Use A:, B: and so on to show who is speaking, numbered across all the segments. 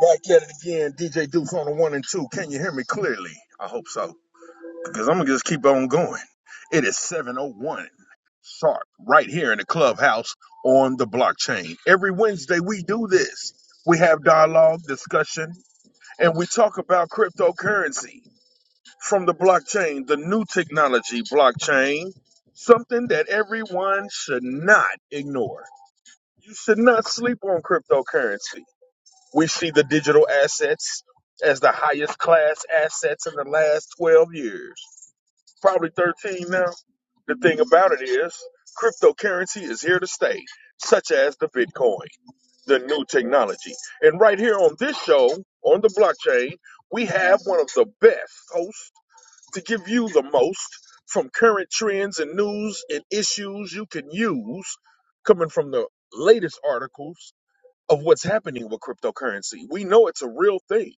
A: Back at it again, DJ Deuce on the one and two. Can you hear me clearly? I hope so, because I'm gonna just keep on going. It is 7:01 sharp, right here in the clubhouse on the blockchain. Every Wednesday we do this. We have dialogue, discussion, and we talk about cryptocurrency from the blockchain, the new technology blockchain, something that everyone should not ignore. You should not sleep on cryptocurrency. We see the digital assets as the highest class assets in the last 12 years, probably 13 now. The thing about it is, cryptocurrency is here to stay, such as the Bitcoin, the new technology. And right here on this show, on the blockchain, we have one of the best hosts to give you the most from current trends and news and issues you can use coming from the latest articles of what's happening with cryptocurrency. We know it's a real thing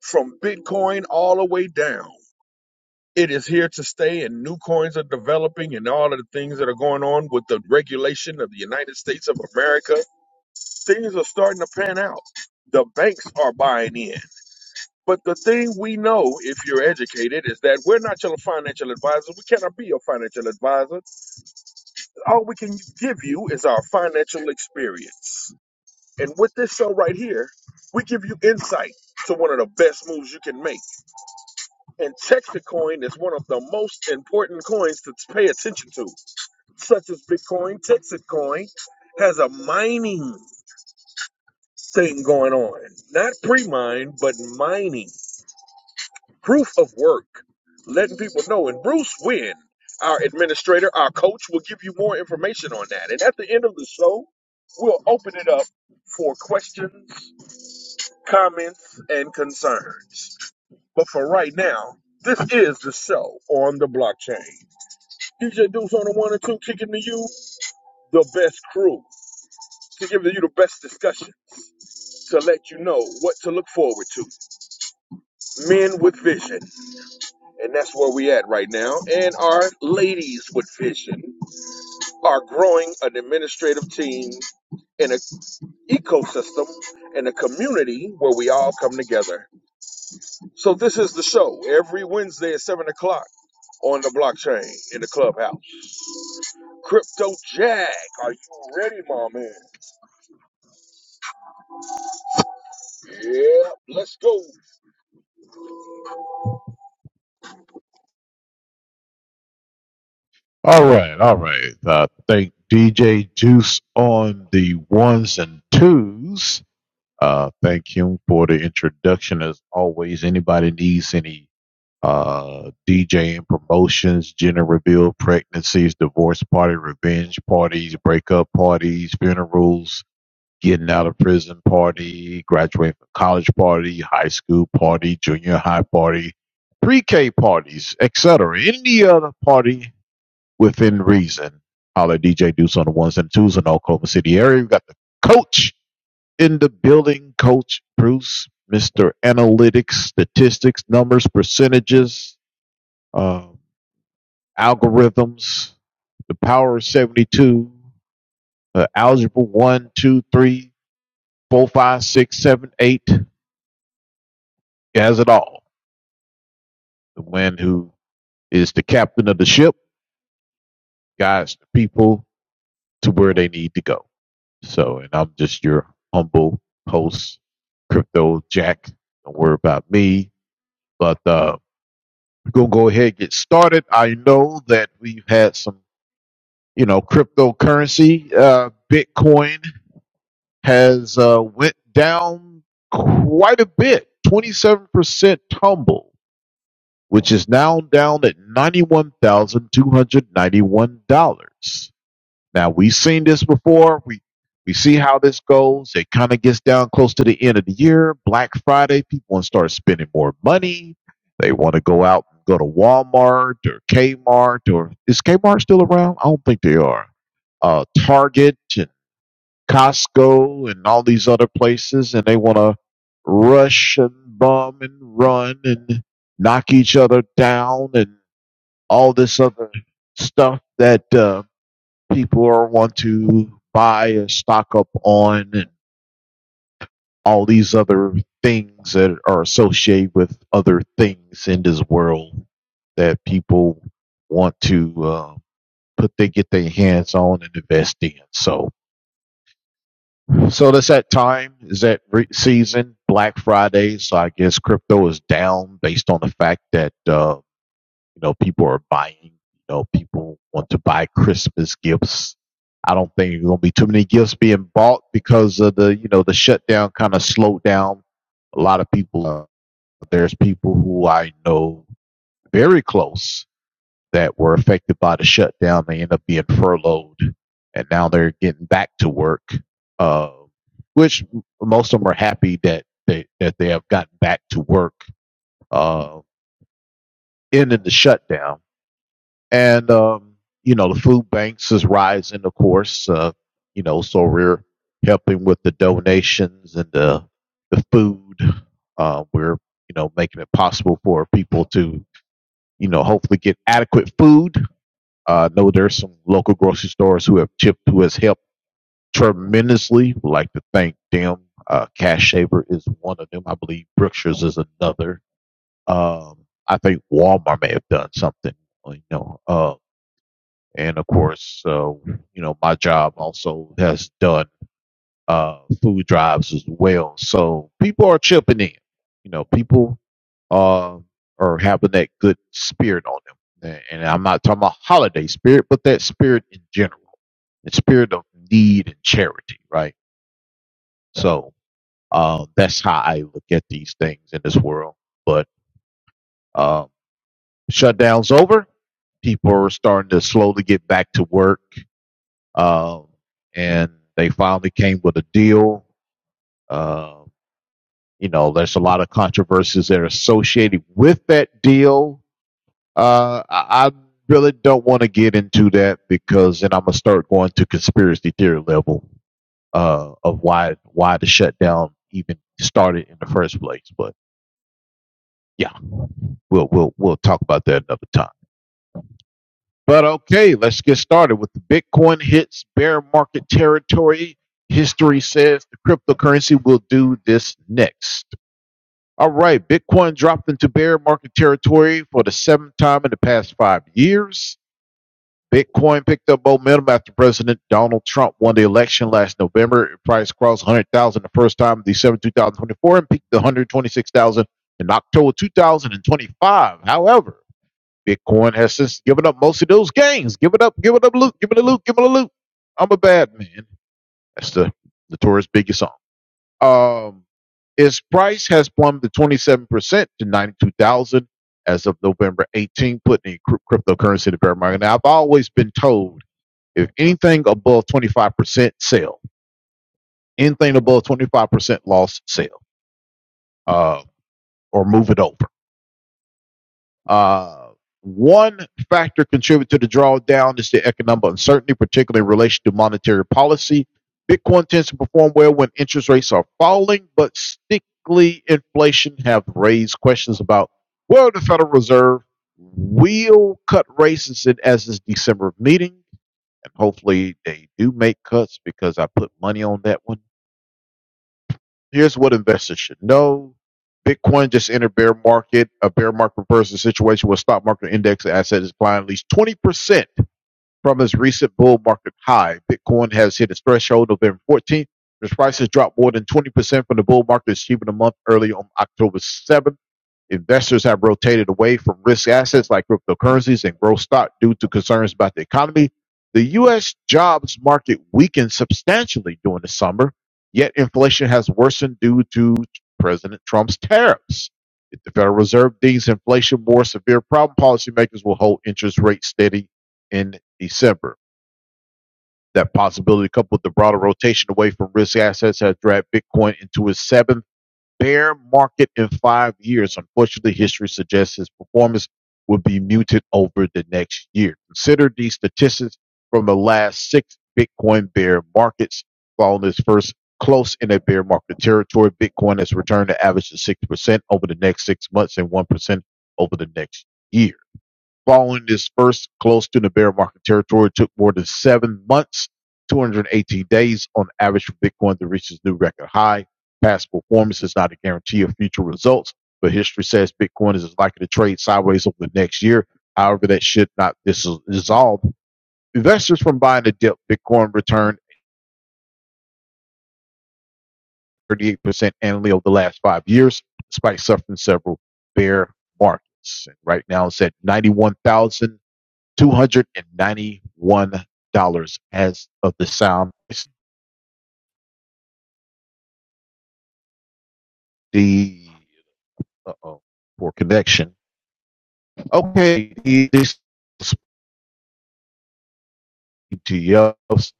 A: from Bitcoin all the way down. It is here to stay, and new coins are developing, and all of the things that are going on with the regulation of the United States of America. Things are starting to pan out. The banks are buying in. But the thing we know, if you're educated, is that we're not your financial advisor. We cannot be your financial advisor. All we can give you is our financial experience. And with this show right here, we give you insight to one of the best moves you can make. And Texas coin is one of the most important coins to pay attention to, such as Bitcoin. Texas coin has a mining thing going on, not pre mine, but mining, proof of work, letting people know. And Bruce Wynn, our administrator, our coach, will give you more information on that. And at the end of the show, we'll open it up for questions comments, and concerns. But for right now, this is the show on the blockchain. DJ Deuce on the one and two, kicking to you the best crew to give you the best discussions to let you know what to look forward to. Men with vision, and that's where we at right now. And our ladies with vision are growing an administrative team in an ecosystem in a community where we all come together. So this is the show every Wednesday at seven o'clock on the blockchain in the clubhouse. Crypto Jack, are you ready, my man? Yeah, let's go.
B: All right, all right. Uh, thank DJ Juice on the ones and twos. Uh, thank him for the introduction. As always, anybody needs any uh, DJing promotions, gender reveal, pregnancies, divorce party, revenge parties, breakup parties, funerals, getting out of prison party, graduating from college party, high school party, junior high party, pre-K parties, etc. Any other party within reason. Holler DJ Deuce on the ones and twos in the Oklahoma City area. We've got the coach in the building, Coach Bruce, Mr. Analytics, Statistics, Numbers, Percentages, uh, Algorithms, the Power of 72, uh, Algebra one, 2, 3, 4, 5, 6, 7, 8, He has it all. The one who is the captain of the ship guides the people to where they need to go. So, and I'm just your humble host, Crypto Jack. Don't worry about me. But uh, we're gonna go ahead and get started. I know that we've had some, you know, cryptocurrency. Uh, Bitcoin has uh, went down quite a bit, 27% tumble, which is now down at $91,291. Now we've seen this before. We we see how this goes. It kind of gets down close to the end of the year, Black Friday. People want to start spending more money. They want to go out and go to Walmart or Kmart or is Kmart still around? I don't think they are. Uh, Target and Costco and all these other places, and they want to rush and bum and run and knock each other down and all this other stuff that. Uh, people are want to buy and stock up on and all these other things that are associated with other things in this world that people want to uh, put they get their hands on and invest in. So so that's that time is that re- season Black Friday. So I guess crypto is down based on the fact that uh, You know, people are buying. You know, people want to buy Christmas gifts. I don't think there's gonna be too many gifts being bought because of the you know the shutdown kind of slowed down a lot of people. Uh, there's people who I know very close that were affected by the shutdown. They end up being furloughed, and now they're getting back to work. Uh, which most of them are happy that they that they have gotten back to work uh, ending the shutdown And, um, you know, the food banks is rising, of course. Uh, you know, so we're helping with the donations and the, the food. Uh, we're, you know, making it possible for people to, you know, hopefully get adequate food. Uh, I know there's some local grocery stores who have chipped, who has helped tremendously. Would like to thank them. Uh, Cash Shaver is one of them. I believe Brookshire's is another. Um, I think Walmart may have done something, you know. uh, and of course, uh, you know, my job also has done uh, food drives as well. So people are chipping in. You know, people uh, are having that good spirit on them. And and I'm not talking about holiday spirit, but that spirit in general, the spirit of need and charity, right? So uh, that's how I look at these things in this world. But uh, shutdown's over. People are starting to slowly get back to work Um, and they finally came with a deal. Uh, you know, there's a lot of controversies that are associated with that deal. Uh, I, I really don't want to get into that because then I'm gonna start going to conspiracy theory level uh, of why why the shutdown even started in the first place. But yeah, we'll we'll we'll talk about that another time. But okay, let's get started with the Bitcoin hits bear market territory. History says the cryptocurrency will do this next. All right, Bitcoin dropped into bear market territory for the seventh time in the past five years. Bitcoin picked up momentum after President Donald Trump won the election last November. It price crossed 100,000 the first time in December 2024 and peaked to 126,000 in October 2025. However, Bitcoin has since given up most of those gains. Give it up, give it up, loot, give it a loot, give it a loot. I'm a bad man. That's the notorious tourist biggest song. Um, its price has plummeted 27% to 92,000 as of November 18, putting the cr- cryptocurrency in the bear market. Now, I've always been told if anything above 25% sell, anything above 25% loss sell, uh, or move it over. Uh, one factor contributing to the drawdown is the economic uncertainty, particularly in relation to monetary policy. Bitcoin tends to perform well when interest rates are falling, but stickly inflation have raised questions about whether the Federal Reserve will cut rates in- as this December meeting. And hopefully they do make cuts because I put money on that one here's what investors should know. Bitcoin just entered bear market. A bear market refers to a situation where stock market index asset is declined at least 20% from its recent bull market high. Bitcoin has hit its threshold November 14th. Its prices dropped more than 20% from the bull market achievement a month early on October 7th. Investors have rotated away from risk assets like cryptocurrencies and growth stock due to concerns about the economy. The U.S. jobs market weakened substantially during the summer, yet inflation has worsened due to President Trump's tariffs. If the Federal Reserve deems inflation more severe problem, policymakers will hold interest rates steady in December. That possibility, coupled with the broader rotation away from risk assets, has dragged Bitcoin into its seventh bear market in five years. Unfortunately, history suggests his performance will be muted over the next year. Consider these statistics from the last six Bitcoin bear markets. Following its first close in a bear market territory, Bitcoin has returned an average of 6% over the next six months and 1% over the next year. Following this first close to the bear market territory, it took more than seven months, 218 days on average for Bitcoin to reach its new record high. Past performance is not a guarantee of future results, but history says Bitcoin is likely to trade sideways over the next year. However, that should not dis- dissolve investors from buying the dip. Bitcoin returned 38% annually over the last five years, despite suffering several bear markets. And right now, it's at 91,000. $291 as of the sound. The uh oh, poor connection. Okay, this ETFs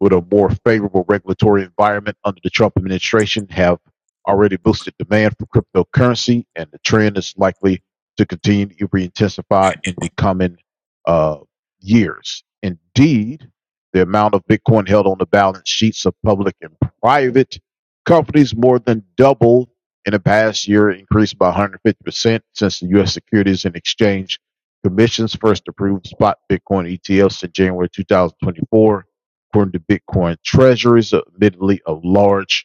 B: with a more favorable regulatory environment under the Trump administration have already boosted demand for cryptocurrency, and the trend is likely to continue to be intensified in the coming uh, years. Indeed, the amount of Bitcoin held on the balance sheets of public and private companies more than doubled in the past year, increased by 150% since the U.S. Securities and Exchange Commission's first approved spot Bitcoin ETFs in January 2024, according to Bitcoin Treasuries, admittedly a large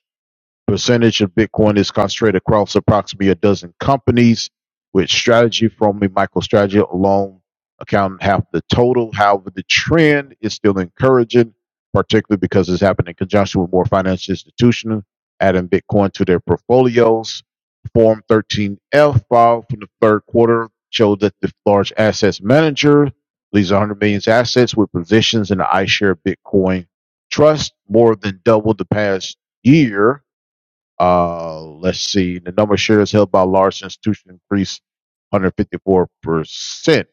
B: percentage of Bitcoin is concentrated across approximately a dozen companies, with strategy from a MicroStrategy alone accounting half the total. However, the trend is still encouraging, particularly because it's happened in conjunction with more financial institutions adding Bitcoin to their portfolios. Form 13F file from the third quarter showed that the large assets manager leads 100 million assets with positions in the iShare Bitcoin Trust more than doubled the past year uh, let's see. The number of shares held by large institutions increased 154%.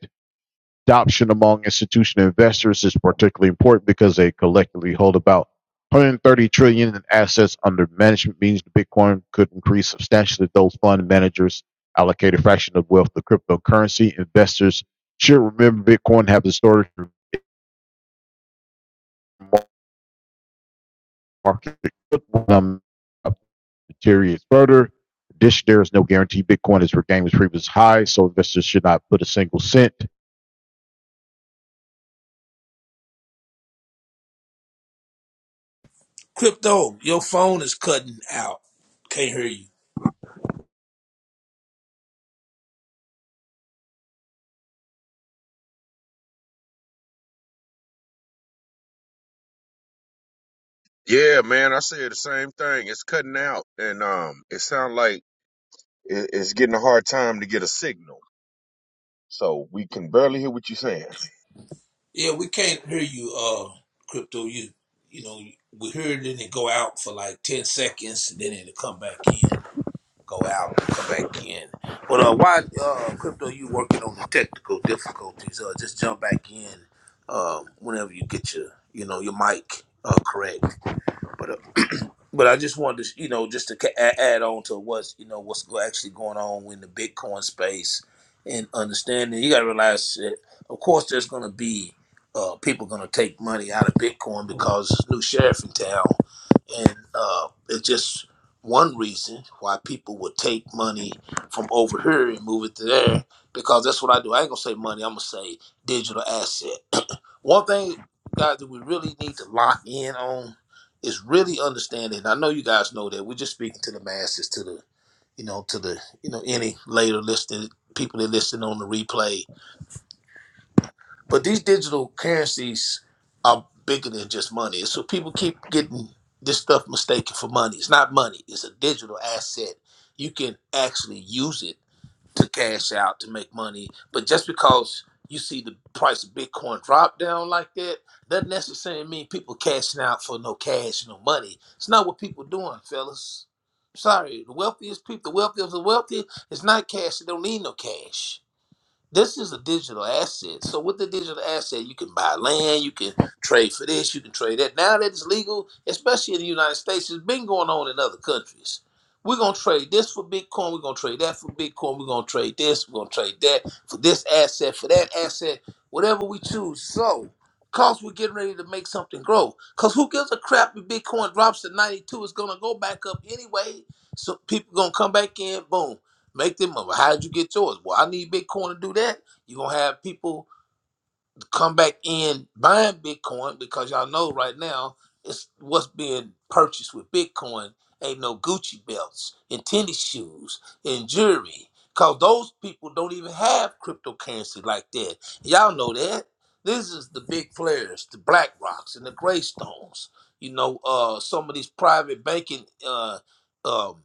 B: Adoption among institutional investors is particularly important because they collectively hold about 130 trillion in assets under management, means the Bitcoin could increase substantially. Those fund managers allocate a fraction of wealth to cryptocurrency. Investors should remember Bitcoin have historically market Jerry is further. Dish there is no guarantee Bitcoin is regained its previous high, so investors should not put a single cent.
C: Crypto, your phone is cutting out. Can't hear you.
A: Yeah, man, I said the same thing. It's cutting out, and um, it sounds like it- it's getting a hard time to get a signal, so we can barely hear what you're saying.
C: Yeah, we can't hear you, uh, Crypto. You, you know, we hear it and it go out for like 10 seconds and then it'll come back in, go out, come back in. But, uh, why, uh, Crypto, you working on the technical difficulties? Uh, just jump back in, Uh, whenever you get your, you know, your mic, uh, correct. But uh, but I just wanted to, you know, just to ca- a- add on to what's, you know, what's go- actually going on in the Bitcoin space and understanding. You got to realize that, of course, there's going to be uh, people going to take money out of Bitcoin because there's a new sheriff in town, and uh, it's just one reason why people would take money from over here and move it to there because that's what I do. I ain't gonna say money. I'm gonna say digital asset. one thing, guys, that we really need to lock in on is really understanding. I know you guys know that we're just speaking to the masses, to the you know, to the you know any later listening people that listen on the replay. But these digital currencies are bigger than just money. So people keep getting this stuff mistaken for money. It's not money. It's a digital asset. You can actually use it to cash out to make money. But just because you see the price of Bitcoin drop down like that, doesn't necessarily mean people cashing out for no cash, no money. It's not what people doing, fellas. Sorry, the wealthiest people, the wealthiest of the wealthy, it's not cash. They don't need no cash. This is a digital asset. So with the digital asset, you can buy land, you can trade for this, you can trade that. Now that it's legal, especially in the United States, it's been going on in other countries. We're gonna trade this for Bitcoin, we're gonna trade that for Bitcoin, we're gonna trade this, we're gonna trade that for this asset, for that asset, whatever we choose. So Cause we're getting ready to make something grow. Cause who gives a crap if Bitcoin drops to 92? It's gonna go back up anyway. So people gonna come back in. Boom. Make them up. how did you get yours? Well, I need Bitcoin to do that. You're gonna have people come back in buying Bitcoin because y'all know right now it's what's being purchased with Bitcoin ain't no Gucci belts and tennis shoes and jewelry. Cause those people don't even have cryptocurrency like that. Y'all know that. This is the big players, the Black Rocks and the Greystones. You know, uh, some of these private banking uh, um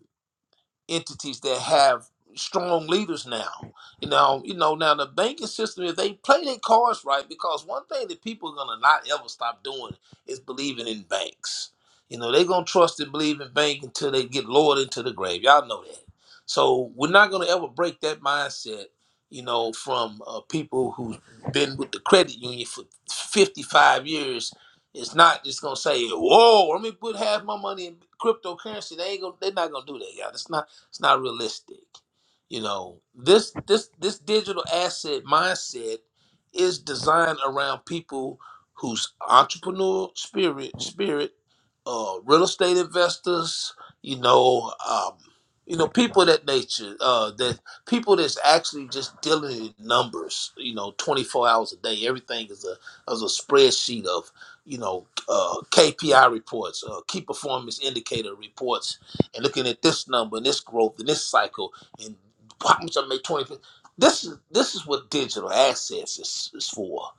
C: entities that have strong leaders now. You know, you know now the banking system, if they play their cards right, because one thing that people are gonna not ever stop doing is believing in banks. You know, they're gonna trust and believe in bank until they get lowered into the grave. Y'all know that. So we're not gonna ever break that mindset. You know, from uh, people who've been with the credit union for 55 years, it's not just gonna say, "Whoa, let me put half my money in cryptocurrency." They ain't gonna, they're not gonna do that, y'all. That's it's not realistic. You know, this this this digital asset mindset is designed around people whose entrepreneurial spirit spirit, uh, real estate investors, you know, um, you know, people of that nature, uh, that people that's actually just dealing in numbers, you know, 24 hours a day. Everything is a is a spreadsheet of, you know, uh, KPI reports, uh, key performance indicator reports, and looking at this number and this growth and this cycle and how much I make twenty. This is this is what digital assets is, is for,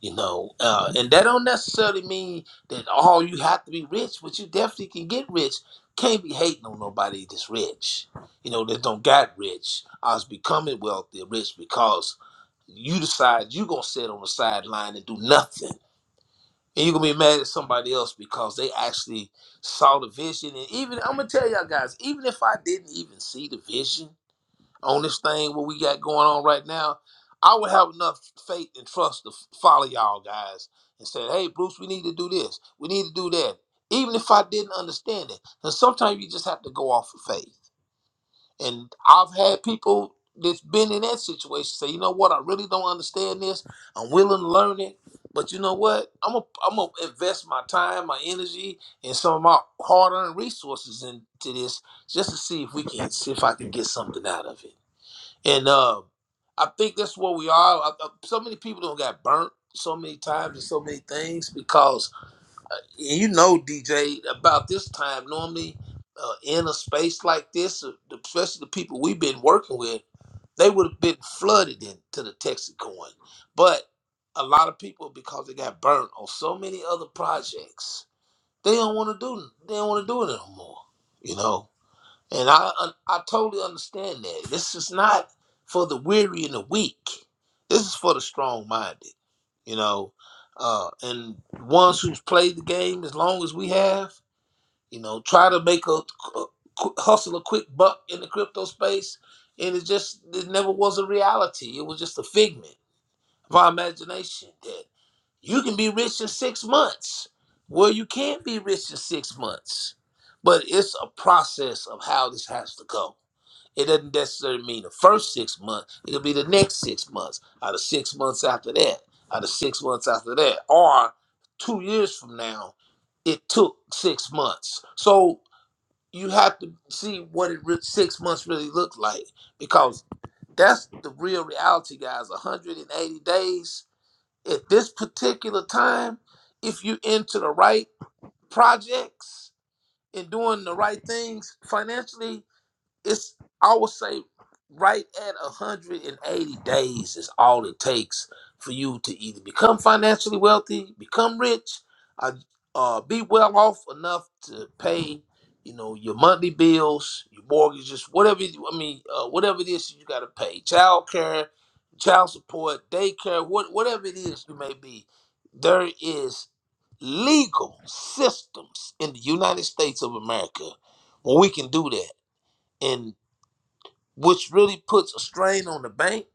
C: you know. Uh, and that don't necessarily mean that all you have to be rich, but you definitely can get rich. Can't be hating on nobody that's rich, you know, that don't got rich. I was becoming wealthy, rich because you decide you gonna sit on the sideline and do nothing and you're gonna be mad at somebody else because they actually saw the vision. And even I'm gonna tell y'all guys, even if I didn't even see the vision on this thing what we got going on right now, I would have enough faith and trust to f- follow y'all guys and say, hey Bruce, we need to do this, we need to do that. Even if I didn't understand it. Because sometimes you just have to go off of faith. And I've had people that's been in that situation say, you know what, I really don't understand this. I'm willing to learn it. But you know what? I'm gonna I'm gonna invest my time, my energy, and some of my hard earned resources into this just to see if we can see if I can get something out of it. And uh, I think that's where we are. I, I- so many people don't got burnt so many times and so many things because you know, DJ, about this time normally uh, in a space like this, uh, especially the people we've been working with, they would have been flooded into the Texas coin. But a lot of people, because they got burnt on so many other projects, they don't want to do. They don't want to do it no more. You know. And I I totally understand that. This is not for the weary and the weak. This is for the strong minded, you know, uh, and ones who's played the game as long as we have. You know, try to make a, a qu- hustle a quick buck in the crypto space, and it just it never was a reality. It was just a figment of our imagination that you can be rich in six months. Well, you can't be rich in six months, but it's a process of how this has to go it doesn't necessarily mean the first six months. It'll be the next six months, or the six months after that, or the six months after that, or two years from now. It took six months, so you have to see what it re- six months really looked like because that's the real reality, guys. 180 days at this particular time, if you into the right projects and doing the right things financially, it's I would say right at 180 days is all it takes for you to either become financially wealthy, become rich, or uh, be well off enough to pay, you know, your monthly bills, your mortgages, whatever. You, I mean, uh, whatever it is you got to pay, child care, child support, daycare, what, whatever it is you may be, there is legal systems in the United States of America where we can do that And which really puts a strain on the bank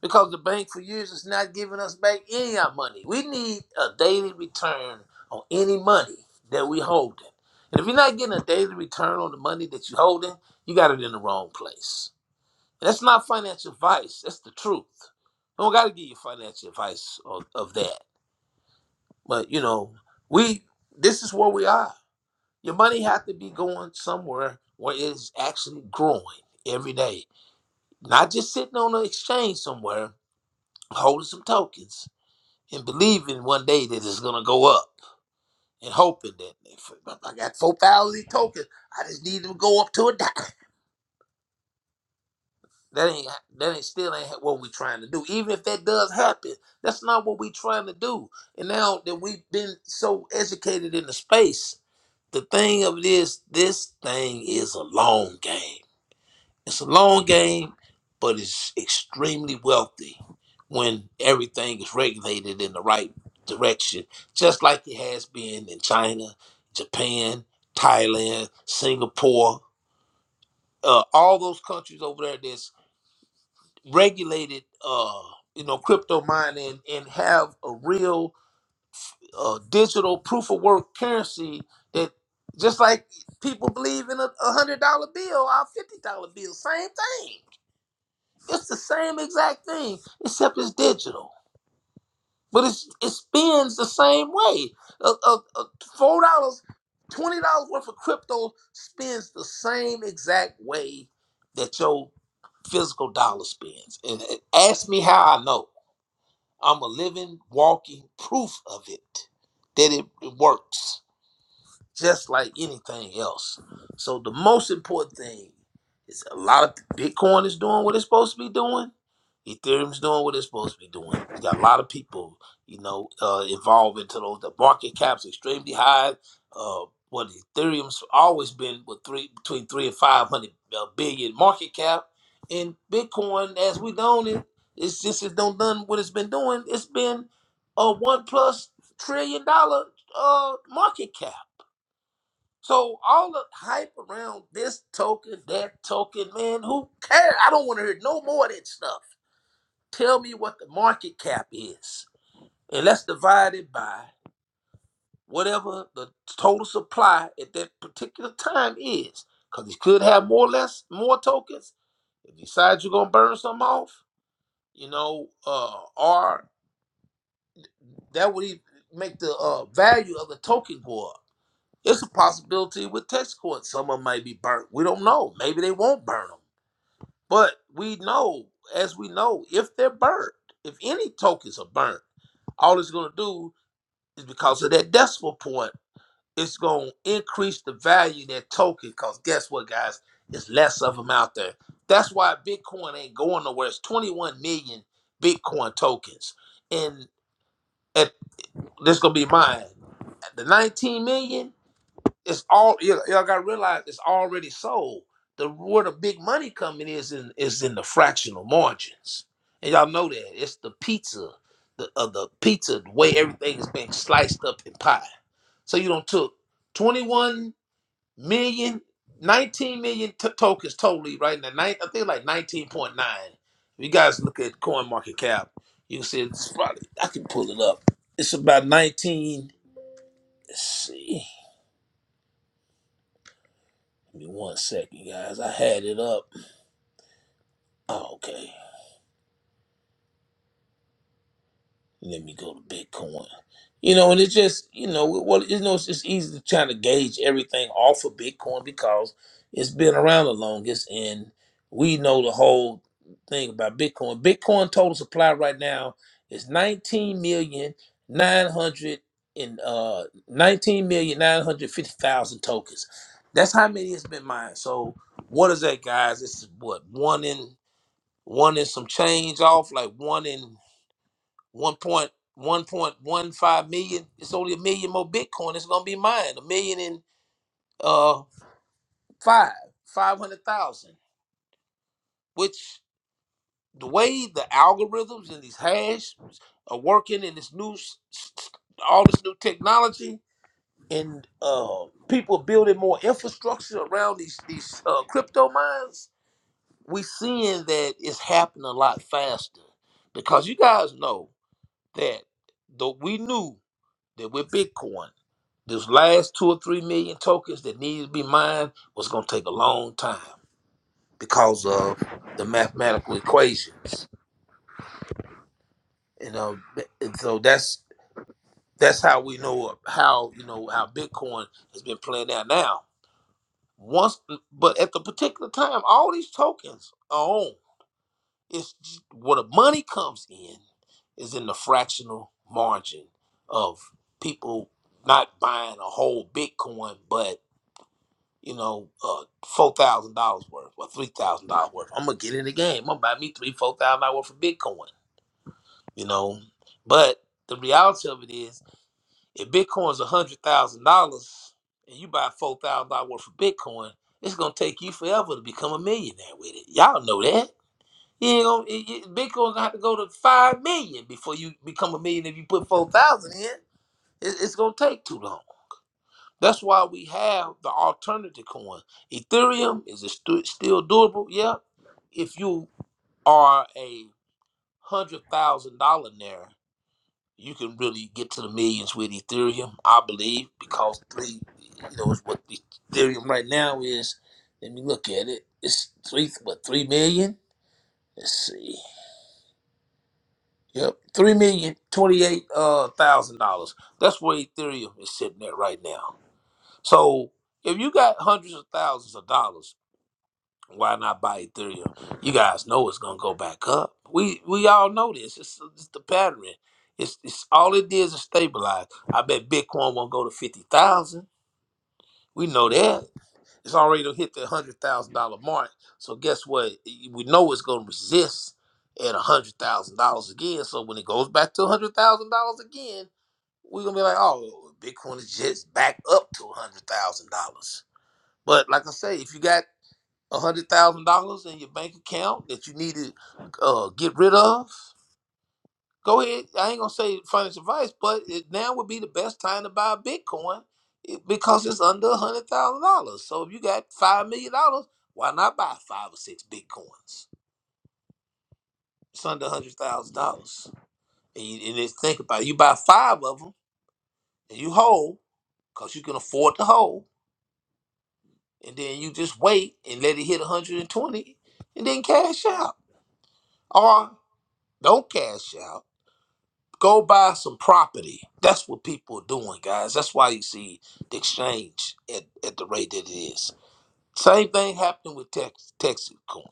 C: because the bank for years is not giving us back any of our money. We need a daily return on any money that we holding. And if you're not getting a daily return on the money that you're holding, you got it in the wrong place. And that's not financial advice. That's the truth. I don't got to give you financial advice of, of that. But, you know, we this is where we are. Your money has to be going somewhere where it's actually growing every day not just sitting on an exchange somewhere, holding some tokens and believing one day that it's gonna go up and hoping that if I got four thousand tokens, I just need them to go up to a dime. That ain't that ain't still ain't what we trying to do. Even if that does happen, that's not what we trying to do. And now that we've been so educated in the space, the thing of it is, this thing is a long game. It's a long game, but it's extremely wealthy when everything is regulated in the right direction, just like it has been in China, Japan, Thailand, Singapore, uh, all those countries over there that's regulated, uh, you know, crypto mining and have a real uh, digital proof of work currency that just like people believe in a a hundred dollar bill, our fifty dollar bill, same thing It's the same exact thing, except it's digital. But it's, it spins the same way. Uh, uh, uh, Four dollars, twenty dollars worth of crypto spins the same exact way that your physical dollar spins. And and ask me how I know. I'm a living, walking proof of it that it, it works just like anything else. So the most important thing is a lot of Bitcoin is doing what it's supposed to be doing. Ethereum's doing what it's supposed to be doing. You got a lot of people, you know, uh, involved into those. The market cap's extremely high. Uh, what Ethereum's always been with three between three and five hundred uh, billion market cap, and Bitcoin, as we known it, it's just it don't done what it's been doing. It's been a one plus trillion dollar uh, market cap. So all the hype around this token, that token, man, who cares? I don't want to hear no more of that stuff. Tell me what the market cap is, and let's divide it by whatever the total supply at that particular time is. Because you could have more or less more tokens. If you decide you're gonna burn some off, you know, uh, or that would even make the uh, value of the token go up. It's a possibility with text courts, some of them may be burnt. We don't know. Maybe they won't burn them. But we know, as we know, if they're burnt, if any tokens are burnt, all it's going to do is because of that decimal point, it's going to increase the value of that token. Because guess what, guys? There's less of them out there. That's why Bitcoin ain't going nowhere. It's 21 million Bitcoin tokens. And at, this going to be mine. The 19 million, it's all you y'all gotta realize it's already sold. The where the big money coming is in is in the fractional margins, and y'all know that it's the pizza, the uh, the pizza the way everything is being sliced up in pie. So you don't took twenty one million, nineteen million t- tokens totally right now. Nine, I think like 19.9. If you guys look at coin market cap, you can see it's probably I can pull it up. It's about 19. Let's see. Give me one second, guys. I had it up. Oh, okay. Let me go to Bitcoin. You know, and it's just, you know, well, you know, it's just easy to try to gauge everything off of Bitcoin because it's been around the longest and we know the whole thing about Bitcoin. Bitcoin total supply right now is 19 million nine hundred and uh 19 million nine hundred fifty thousand tokens. That's how many it's been mined. So what is that, guys? This is what one in one and some change off, like one in one point one point one five million. It's only a million more Bitcoin. It's gonna be mine. A million and uh five, five hundred thousand. Which the way the algorithms and these hash are working in this new s- s- s- all this new technology and uh people building more infrastructure around these these uh, crypto mines, we seeing that it's happening a lot faster. Because you guys know that though we knew that with Bitcoin, those last two or three million tokens that needed to be mined was going to take a long time because of the mathematical equations. You know, and so that's that's how we know how you know how Bitcoin has been playing out now. Once, but at the particular time, all these tokens are owned. It's j- where the money comes in is in the fractional margin of people not buying a whole Bitcoin, but you know, uh, four thousand dollars worth or three thousand dollars worth. I'm gonna get in the game. I'm gonna buy me three, four thousand dollars worth of Bitcoin. You know, but the reality of it is, if Bitcoin's a hundred thousand dollars and you buy four thousand dollars worth of Bitcoin, it's gonna take you forever to become a millionaire with it. Y'all know that you know, it, it, Bitcoin gonna have to go to five million before you become a million. If you put four thousand in, it, it's gonna take too long. That's why we have the alternative coin. Ethereum is it stu- still doable? Yeah. If you are a hundred thousand dollar there, you can really get to the millions with Ethereum, I believe, because three, you know, is what Ethereum right now is. Let me look at it. It's three, what three million? Let's see. Yep, three million twenty-eight uh, thousand dollars. That's where Ethereum is sitting at right now. So if you got hundreds of thousands of dollars, why not buy Ethereum? You guys know it's gonna go back up. We we all know this. It's, it's the pattern. It's it's all it did is stabilize. I bet Bitcoin won't go to fifty thousand. We know that. It's already hit the hundred thousand dollar mark. So guess what? We know it's gonna resist at hundred thousand dollars again. So when it goes back to hundred thousand dollars again, we're gonna be like, oh, Bitcoin is just back up to hundred thousand dollars. But like I say, if you got hundred thousand dollars in your bank account that you need to uh, get rid of, Go ahead. I ain't gonna say financial advice, but it now would be the best time to buy Bitcoin it- because it's under a hundred thousand dollars. So if you got five million dollars, why not buy five or six Bitcoins? It's under a hundred thousand dollars, and, you- and just think about it. You buy five of them, and you hold because you can afford to hold, and then you just wait and let it hit 120 and then cash out. Or don't cash out Go buy some property. That's what people are doing, guys. That's why you see the exchange at, at the rate that it is. Same thing happened with Tex- Texacoin.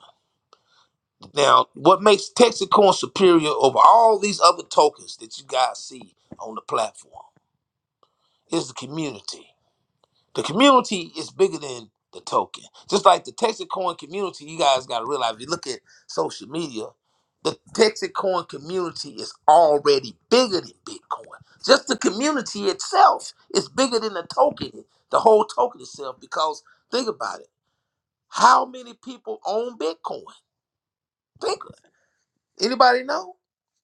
C: Now, what makes Texacoin superior over all these other tokens that you guys see on the platform is the community. The community is bigger than the token. Just like the Texacoin community, you guys got to realize if you look at social media, the Texacoin community is already bigger than Bitcoin. Just the community itself is bigger than the token, the whole token itself. Because think about it, how many people own Bitcoin? Think anybody know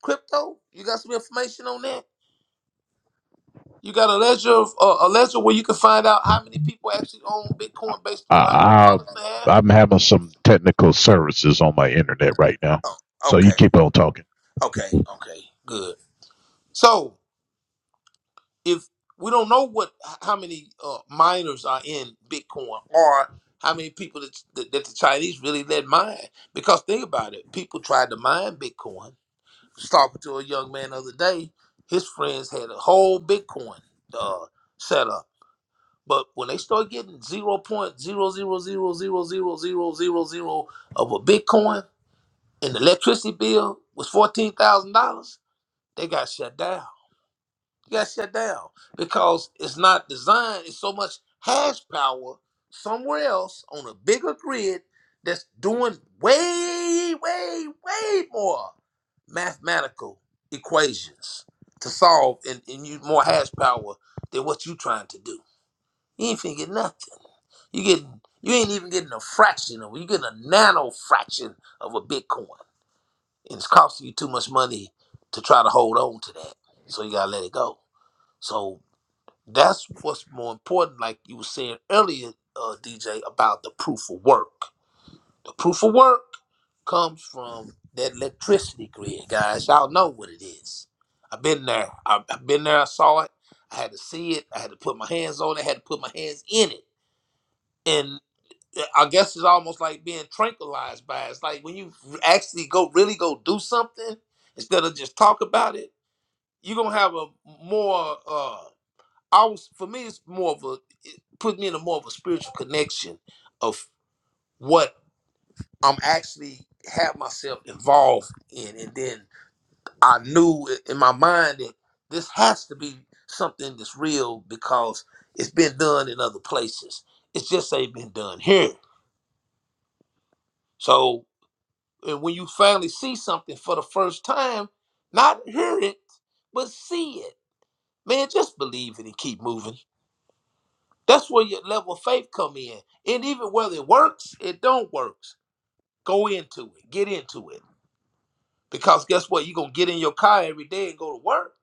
C: crypto? You got some information on that? You got a ledger, of, uh, a ledger where you can find out how many people actually own Bitcoin based on how many
B: I,
C: wallets they
B: I
C: have.
B: I'm having some technical services on my internet right now,
C: Oh,
B: so you
C: okay,
B: keep on talking.
C: okay, okay, good. So if we don't know what how many uh, miners are in Bitcoin or how many people that, that, that the Chinese really let mine, because think about it, people tried to mine Bitcoin. was talking to a young man the other day, his friends had a whole Bitcoin uh, set up. But when they start getting zero point zero zero zero zero zero zero zero zero of a Bitcoin, and the electricity bill was fourteen thousand dollars they got shut down. They got shut down because it's not designed. It's so much hash power somewhere else on a bigger grid that's doing way, way, way more mathematical equations to solve and, and use more hash power than what you trying to do. You ain't finna get nothing. You getting you ain't even getting a fraction of you getting a nano fraction of a Bitcoin. And it's costing you too much money to try to hold on to that. So you gotta let it go. So that's what's more important, like you were saying earlier, uh, DJ, about the proof of work. The proof of work comes from that electricity grid, guys. Y'all know what it is. I've been there. I've, I've been there. I saw it. I had to see it. I had to put my hands on it. I had to put my hands in it. And uh, I guess it's almost like being tranquilized by it. It's like when you actually go, really go do something instead of just talk about it, you're going to have a more. uh, I was for me it's more of a it put me in a more of a spiritual connection of what I'm actually have myself involved in and then I knew i- in my mind that this has to be something that's real because it's been done in other places. It's just ain't been done here. So and when you finally see something for the first time, not hear it, but see it. Man, just believe it and keep moving. That's where your level of faith come in. And even whether it works, it don't works. Go into it. Get into it. Because guess what? You're gonna get in your car every day and go to work.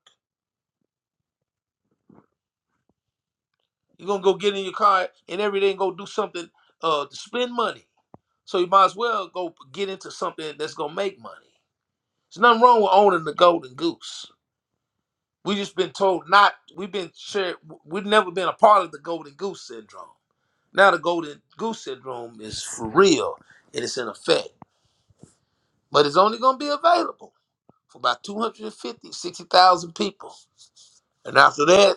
C: You're gonna go get in your car and every day and go do something uh to spend money. So you might as well go get into something that's gonna make money. There's nothing wrong with owning the golden goose. We just been told not we've been shared we've never been a part of the golden goose syndrome. Now the golden goose syndrome is for real and it's in effect. but it's only going to be available for about 250 60,000 people. And after that,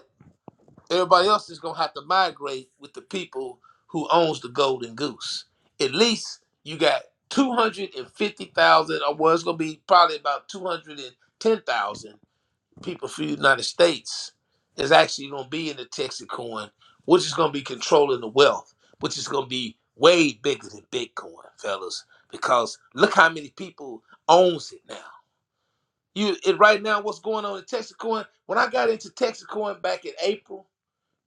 C: everybody else is going to have to migrate with the people who owns the golden goose. At least you got 250,000, or well, it's going to be probably about 210,000 people for the United States is actually going to be in the Texacoin, which is going to be controlling the wealth, which is going to be way bigger than Bitcoin, fellas, because look how many people owns it now. You it, right now, what's going on in Texacoin? When I got into Texacoin back in April,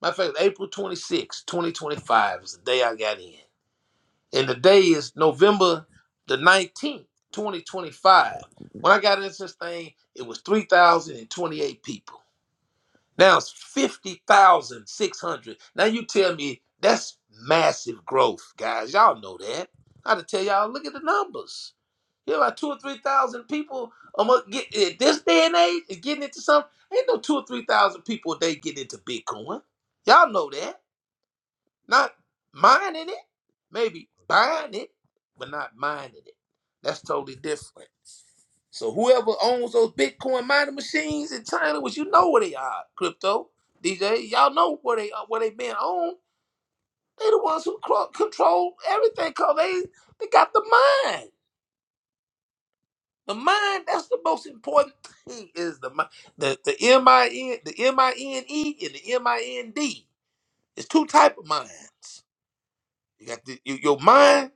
C: my fact, April 26, 2025 is the day I got in. And the day is November the 19th, 2025. When I got into this thing, it was 3,028 people. Now it's 50,600. Now you tell me that's massive growth, guys. Y'all know that. I had to tell y'all, look at the numbers. You know, about two or three thousand people among get at this day and age is getting into something. Ain't no two or three thousand people a day getting into Bitcoin. Y'all know that. Not mining it, maybe buying it, but not mining it. That's totally different. So whoever owns those Bitcoin mining machines in China, which you know where they are, crypto DJ, y'all know where they are, where they been owned. They the ones who cro- control everything. Cause they they got the mine. The mind, that's the most important thing is the mind. The, the M-I-N, the M-I-N-E and the M-I-N-D. It's two type of minds. You got the, your your mind,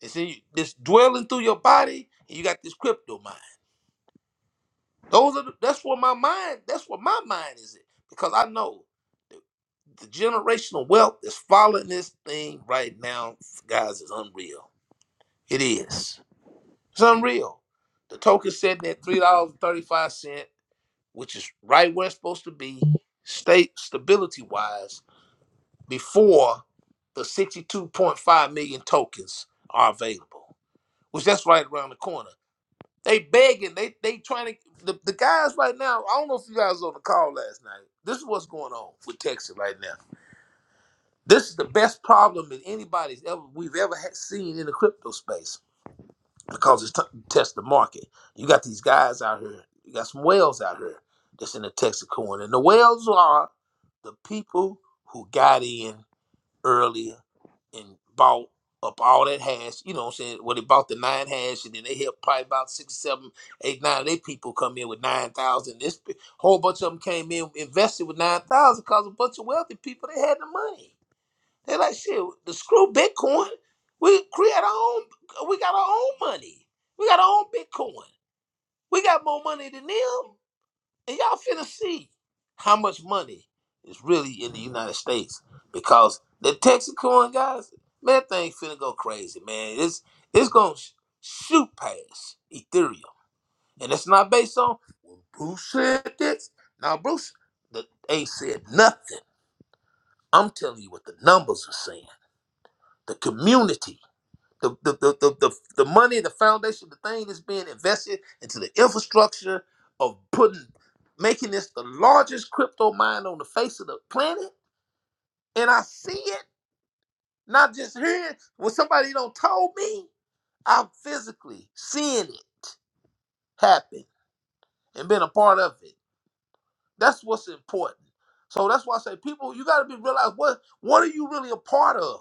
C: it's in this dwelling through your body, and you got this crypto mind. Those are the, that's where my mind, that's where my mind is in. Because I know the generational wealth that's following this thing right now, guys, is unreal. It is. It's unreal. The token said that $3.35. which is right where it's supposed to be, state stability wise, before the 62.5 million tokens are available, which that's right around the corner. They begging, they they trying to the, the guys right now. I don't know if you guys was on the call last night. This is what's going on with Texas right now. This is the best problem that anybody's ever we've ever had seen in the crypto space because it's t- test the market. You got these guys out here. You got some whales out here that's in the Texas corn, and the whales are the people who got in earlier and bought up all that hash. You know what I'm saying? Well, they bought the nine hash, and then they helped probably about six, seven, eight, nine of their people come in with nine thousand. This p- whole bunch of them came in invested with nine thousand because a bunch of wealthy people they had the money. They're like, shit, the screw Bitcoin. We create our own. We got our own money. We got our own Bitcoin. We got more money than them, and y'all finna see how much money is really in the United States because the Texacoin guys, man, that thing finna go crazy, man. It's it's gonna sh- shoot past Ethereum, and it's not based on well, Bruce said this. Now Bruce, the ain't said nothing. I'm telling you what the numbers are saying. The community the the, the, the, the the money, the foundation, the thing that's being invested into the infrastructure of putting making this the largest crypto mine on the face of the planet. And I see it, not just hearing when somebody don't told me, I'm physically seeing it happen and being a part of it. That's what's important. So that's why I say people, you gotta be realize what what are you really a part of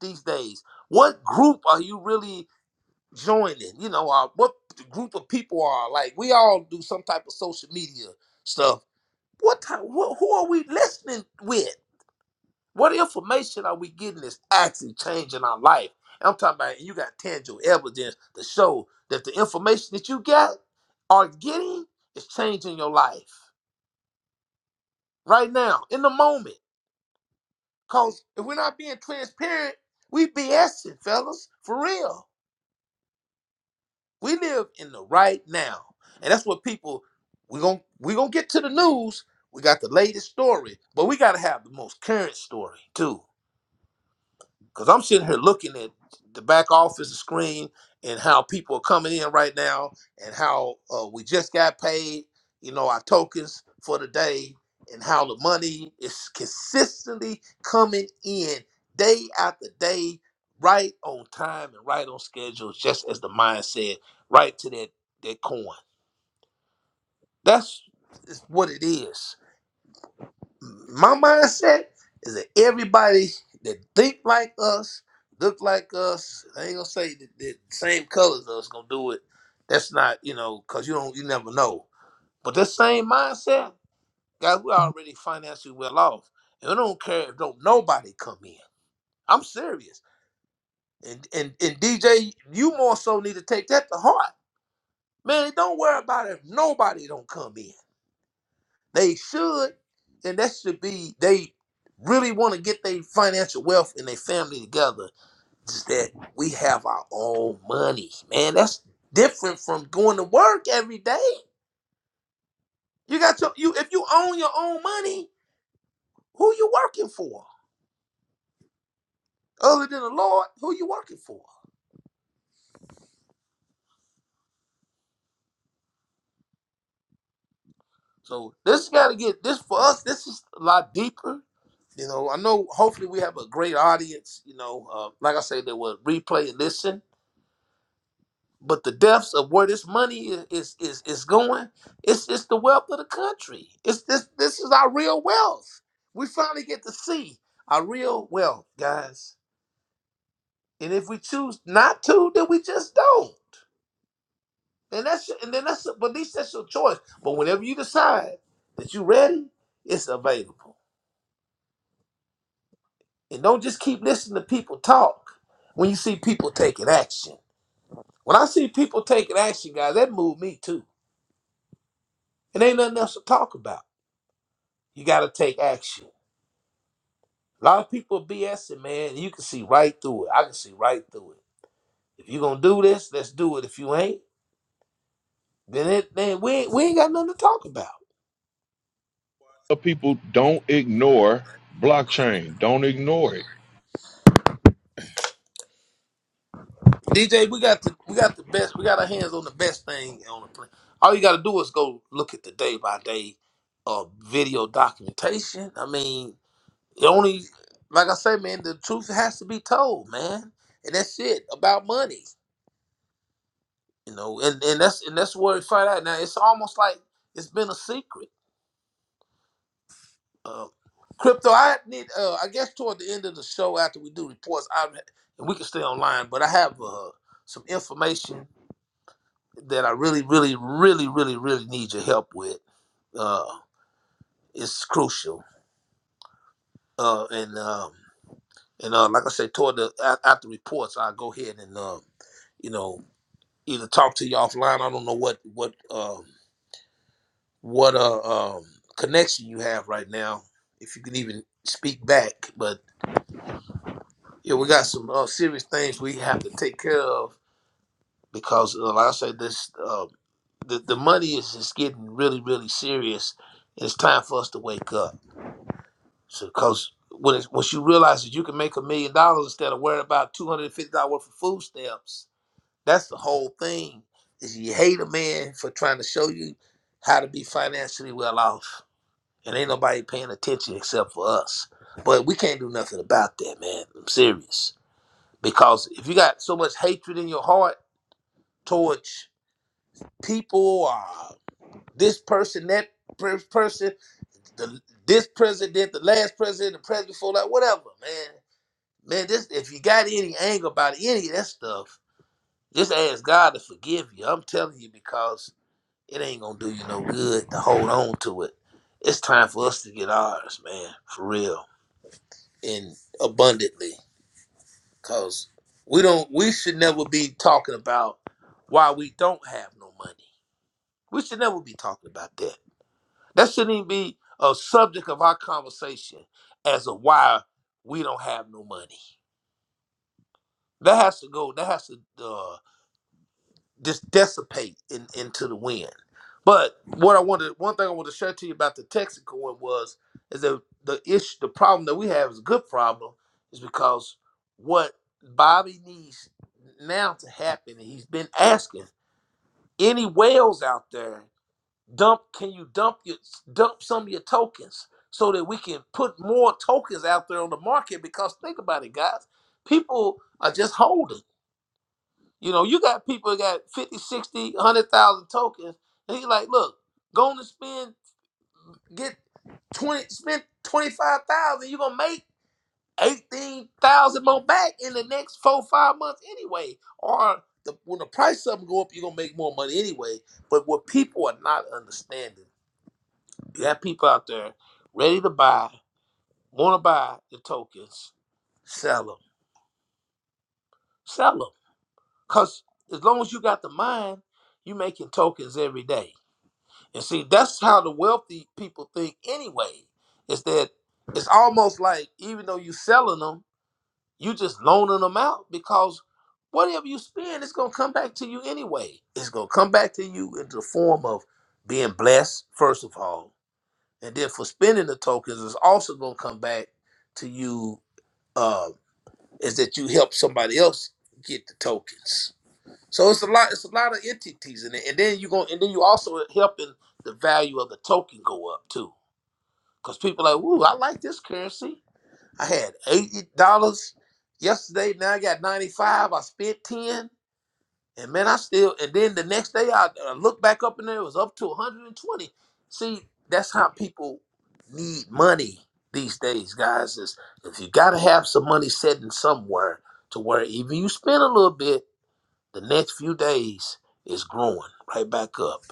C: these days? What group are you really joining, you know, uh, what the group of people are. Like we all do some type of social media stuff. What type? What, who are we listening with? What information are we getting that's actually changing our life? And I'm talking about you got tangible evidence to show that the information that you got are getting is changing your life right now in the moment. Cause if we're not being transparent, we BSing, fellas, for real. We live in the right now. And that's what people we're going we're gonna to get to the news. We got the latest story, but we gotta have the most current story too. Because I'm sitting here looking at the back office screen and how people are coming in right now and how uh, we just got paid, you know, our tokens for the day and how the money is consistently coming in day after day, right on time and right on schedule, just as the mind said, right to that, that coin. That's is what it is my mindset is that everybody that think like us, look like us, I ain't gonna say that the same colors as us gonna do it. That's not, you know, cause you don't, you never know. But that same mindset, guys, we already financially well off, and we don't care if don't nobody come in. I'm serious, and and and DJ, you more so need to take that to heart, man. Don't worry about if nobody don't come in. They should, and that should be they really want to get their financial wealth and their family together. Just that we have our own money, man. That's different from going to work every day. You got your you if you own your own money, who you working for? Other than the Lord, who you working for? So this gotta get this for us, this is a lot deeper. You know, I know hopefully we have a great audience, you know. Uh, like I said, they will replay and listen. But the depths of where this money i- is is is going, it's it's the wealth of the country. It's this this is our real wealth. We finally get to see our real wealth, guys. And if we choose not to, then we just don't. And that's and then that's but at least that's your choice. But whenever you decide that you're ready, it's available. And don't just keep listening to people talk when you see people taking action. When I see people taking action, guys, that moved me too. It ain't nothing else to talk about. You got to take action. A lot of people are BSing, man. You can see right through it. I can see right through it. If you gonna do this, let's do it. If you ain't, then it then we ain't, we ain't got nothing to talk about.
A: Tell People don't ignore blockchain. Don't ignore it.
C: DJ, we got the we got the best. We got our hands on the best thing on the planet. All you got to do is go look at the day by day uh, video documentation. I mean, the only like I say, man, the truth has to be told, man, and that's it about money, you know. And and that's and that's where we find out. Now it's almost like it's been a secret. Uh, crypto, I need. Uh, I guess toward the end of the show, after we do reports, I and we can stay online. But I have uh, some information that I really, really, really, really, really need your help with. Uh, it's crucial. Uh, and um, and uh, like I said, toward the a- after reports, I'll go ahead and um, you know, either talk to you offline. I don't know what what um what uh um connection you have right now, if you can even speak back. But Yeah, we got some uh, serious things we have to take care of because, uh, like I say, this uh, the the money is is getting really, really serious. It's time for us to wake up. So, because when it's, once you realize that you can make a million dollars instead of worrying about two hundred and fifty dollars worth of food stamps, that's the whole thing. Is you hate a man for trying to show you how to be financially well off, and ain't nobody paying attention except for us. But we can't do nothing about that, man. I'm serious. Because if you got so much hatred in your heart towards people, uh, this person, that per- person, the, this president, the last president, the president before that, whatever, man, man, this if you got any anger about any of that stuff, just ask God to forgive you. I'm telling you because it ain't gonna do you no good to hold on to it. It's time for us to get ours, man, for real and abundantly. Cause we don't we should never be talking about why we don't have no money. We should never be talking about that. That shouldn't even be a subject of our conversation as a why we don't have no money. That has to go. That has to. Uh, just dissipate in, into the wind. But what I wanted, one thing I wanted to share to you about the Texaco one was is that the issue, the problem that we have is a good problem, is because what Bobby needs now to happen, and he's been asking any whales out there, dump, can you dump your dump some of your tokens so that we can put more tokens out there on the market? Because think about it, guys, people are just holding. You know, you got people that got 50, sixty, one hundred thousand tokens. And he's like, look, go on and spend, get 20, spend 25,000. You're going to make 18,000 more back in the next four, five months anyway. Or the, when the price of them go up, you're going to make more money anyway. But what people are not understanding, you have people out there ready to buy, want to buy the tokens, sell them, sell them. Because as long as you got the mind, you making tokens every day And see, that's how the wealthy people think anyway. Is that it's almost like even though you're selling them, you just loaning them out because whatever you spend, it's gonna come back to you anyway. It's gonna come back to you in the form of being blessed, first of all. And then for spending the tokens, it's also gonna come back to you uh, is that you help somebody else get the tokens. So it's a lot. It's a lot of entities in it, and then you going and then you also helping the value of the token go up too, because people like, "Ooh, I like this currency. I had eighty dollars yesterday. Now I got ninety five. I spent ten, and man, I still. And then the next day, I, I look back up and there it was up to one hundred and twenty. See, that's how people need money these days, guys. Is if you got to have some money sitting somewhere to where even you spend a little bit the next few days is growing right back up.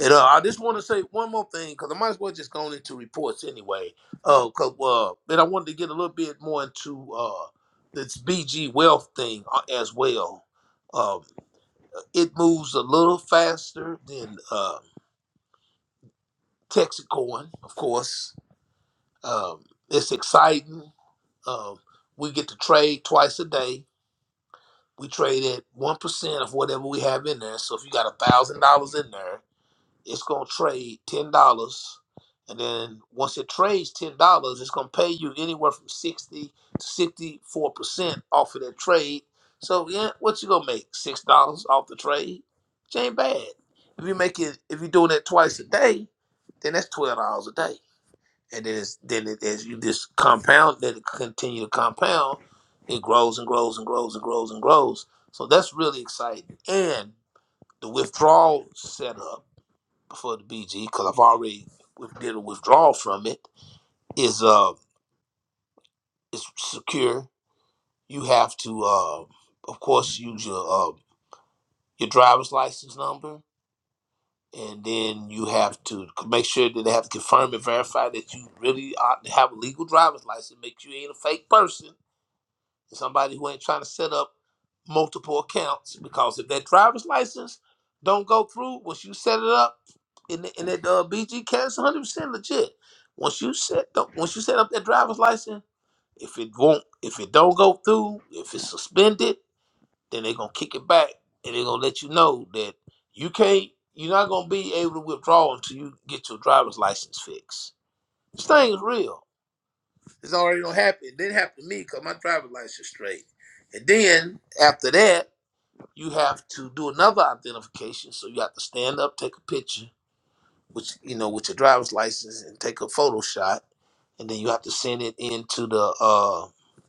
C: And uh, I just want to say one more thing because I might as well just go into reports anyway. Uh, cause uh, then I wanted to get a little bit more into uh this BG wealth thing uh, as well. Um, it moves a little faster than uh, Texacoin, of course. Um, it's exciting. Um, we get to trade twice a day. We trade at one percent of whatever we have in there. So if you got a thousand dollars in there it's gonna trade ten dollars, and then once it trades ten dollars, it's gonna pay you anywhere from sixty to sixty-four percent off of that trade. So yeah, what you gonna make six dollars off the trade? Which ain't bad. If you make it, if you're doing it twice a day, then that's twelve dollars a day. And then it's, then it, as you just compound, then it continue to compound, it grows and grows and grows and grows and grows. So that's really exciting. And the withdrawal setup for the BG because I've already did a withdrawal from it is uh is secure. You have to uh of course use your uh your driver's license number and then you have to make sure that they have to confirm and verify that you really are, have a legal driver's license. Make sure you ain't a fake person somebody who ain't trying to set up multiple accounts because if that driver's license don't go through once you set it up in the, in that uh, BG cast 100 percent legit. Once you set the, once you set up that driver's license, if it won't if it don't go through, if it's suspended, then they're gonna kick it back and they're gonna let you know that you can't you're not gonna be able to withdraw until you get your driver's license fixed. This thing is real. It's already gonna happen. It didn't happen to me because my driver's license is straight. And then after that, you have to do another identification. So you have to stand up, take a picture, which you know, with your driver's license, and take a photo shot, and then you have to send it in to the uh,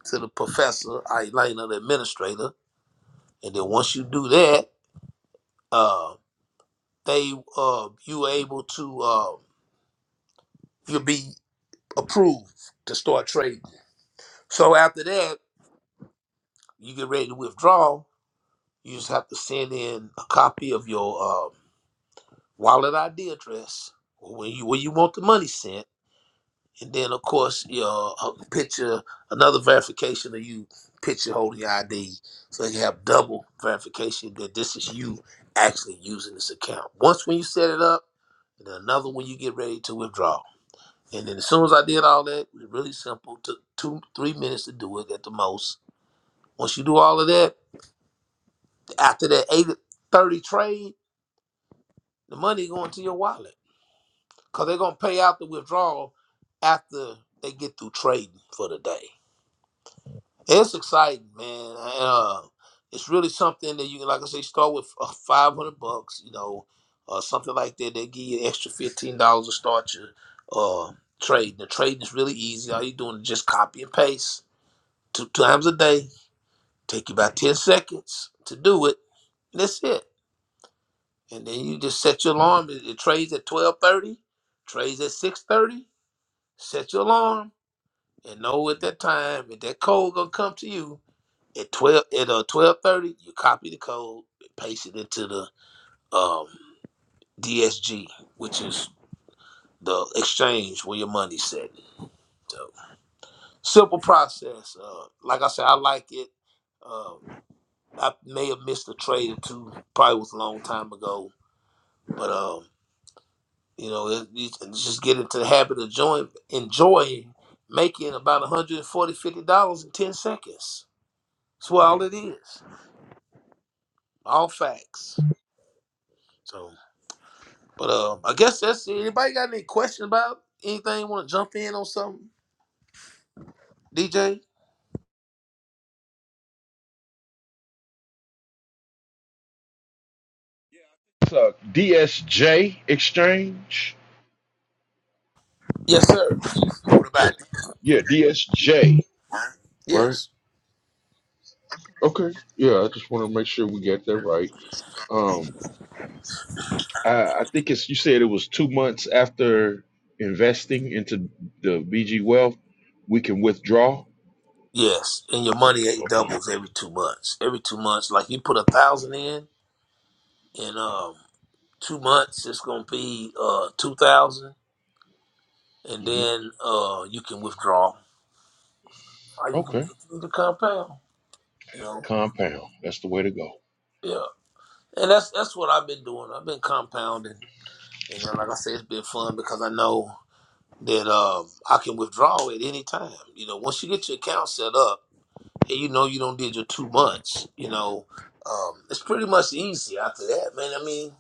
C: to the professor, I Elena, the administrator. And then once you do that, uh, they uh, you able to uh, you'll be approved to start trading. So after that, you get ready to withdraw You just have to send in a copy of your um, wallet ID address where you where you want the money sent, and then of course your uh, picture, another verification of you picture holding your ID, so you have double verification that this is you actually using this account. Once when you set it up, and then another when you get ready to withdraw. And then as soon as I did all that, it was really simple. Took two, three minutes to do it at the most. Once you do all of that, after that eight thirty trade The money going to your wallet because they're gonna pay out the withdrawal after they get through trading for the day. It's exciting, man. And, Uh, it's really something that you can, like I say, start with uh, five hundred bucks, you know, uh, something like that. They give you an extra fifteen dollars to start your uh, trade. The trading is really easy. All you're doing is just copy and paste two times a day. Take you about ten seconds to do it. And That's it. And then you just set your alarm. It, it trades at twelve thirty. Trades at six thirty set your alarm and know at that time if that code gonna come to you at twelve at uh twelve thirty, you copy the code, paste it into the um DSG, which is the exchange where your money's at. So simple process. Uh, like I said, I like it. Uh, I may have missed a trade or two, probably was a long time ago, but um, you know, it, you can just get into the habit of enjoying, enjoying making about 140 dollars fifty dollars in ten seconds That's what all it is. All facts. So, but um, I guess that's it. Anybody got any question about anything? Want to jump in on something, DJ?
A: It's a DSJ exchange.
C: Yes, sir. What about it?
A: Yeah, DSJ, right?
C: Yes.
A: Okay. Yeah, I just want to make sure we get that right. Um, I, I think it's you said it was two months after investing into the BG Wealth, we can withdraw.
C: Yes, and your money it
A: Okay.
C: doubles every two months. Every two months, like you put a thousand in, in um two months it's gonna be uh two thousand, and
A: hmm
C: then uh you can withdraw. Or you can
A: Okay.
C: you can compound. You know,
A: Compound. That's the way to go.
C: yeah. And that's that's what I've been doing. I've been compounding. And then, like I said, it's been fun because I know that um, I can withdraw at any time. You know, once you get your account set up and you know you don't did your two months, you know, um, it's pretty much easy after that, man. I mean,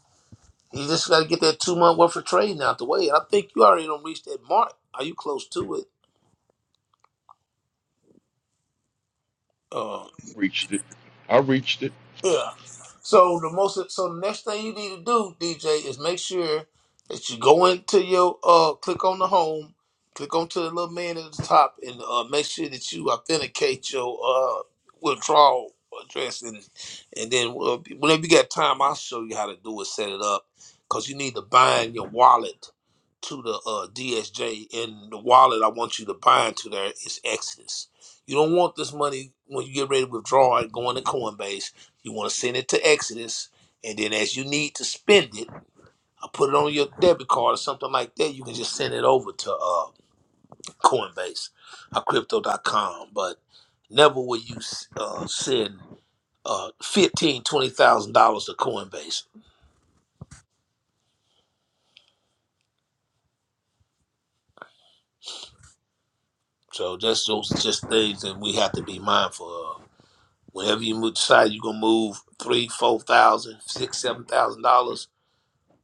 C: you just got to get that two month worth of trading out the way. And I think you already don't reach that mark. Are you close to it? Um,
A: Reached it. I reached it,
C: Yeah. So the most so the next thing you need to do, DJ, is make sure that you go into your uh click on the home, click onto the little man at the top and uh make sure that you authenticate your uh withdrawal address and and then uh, whenever you got time I'll show you how to do it, set it up. Cause you need to bind your wallet to the uh DSJ and the wallet I want you to bind to there is Exodus. You don't want this money when you get ready to withdraw it going to Coinbase you want to send it to Exodus, and then as you need to spend it, I put it on your debit card or something like that. You can just send it over to uh, Coinbase or Crypto.com. But never will you uh, send uh, fifteen, twenty thousand dollars to Coinbase. So that's those are just things that we have to be mindful of. Whenever you move, decide you're gonna move three, four thousand, six, seven thousand dollars,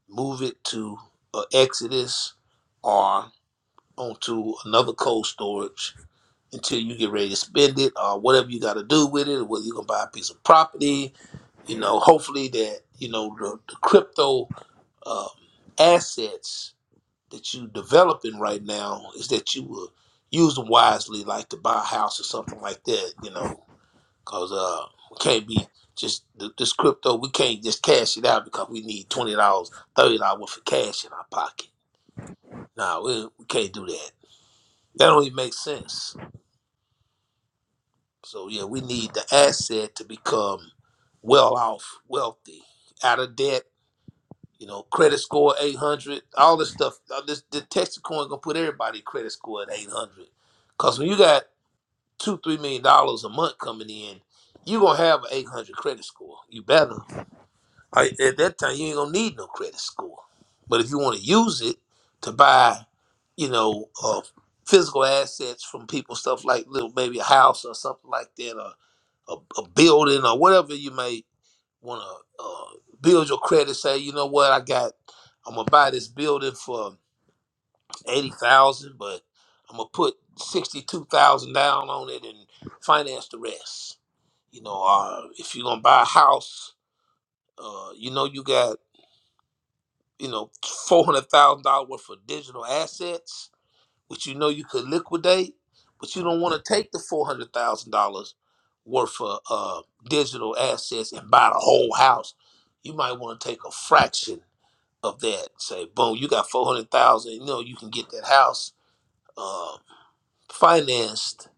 C: move it to uh, Exodus or onto another cold storage until you get ready to spend it or whatever you got to do with it, whether you're going to buy a piece of property. You know, hopefully that, you know, the, the crypto um, assets that you developing right now is that you will use them wisely, like to buy a house or something like that, you know, because uh, we can't be just th- this crypto, we can't just cash it out because we need $20, dollars $30 worth of cash in our pocket. No, we, we can't do that. That don't even make sense So yeah, we need the asset to become well off, wealthy, out of debt. You know, credit score eight hundred, all this stuff. all This the Texas coin gonna put everybody credit score at eight hundred. Cause when you got two, three million dollars a month coming in, you gonna have an eight hundred credit score. You better. I, at that time, you ain't gonna need no credit score. But if you want to use it to buy, you know, uh, physical assets from people, stuff like little maybe a house or something like that, a, a building or whatever you may want to uh, build your credit. Say, you know what, I got, I'm gonna buy this building for eighty thousand, but I'm gonna put sixty-two thousand down on it and finance the rest. You know, uh, if you're gonna buy a house, uh, you know you got you know four hundred thousand dollars worth of digital assets which you know you could liquidate, but you don't want to take the four hundred thousand dollars worth of uh, digital assets and buy the whole house. You might want to take a fraction of that. Say, boom, you got four hundred thousand. You know you can get that house uh, financed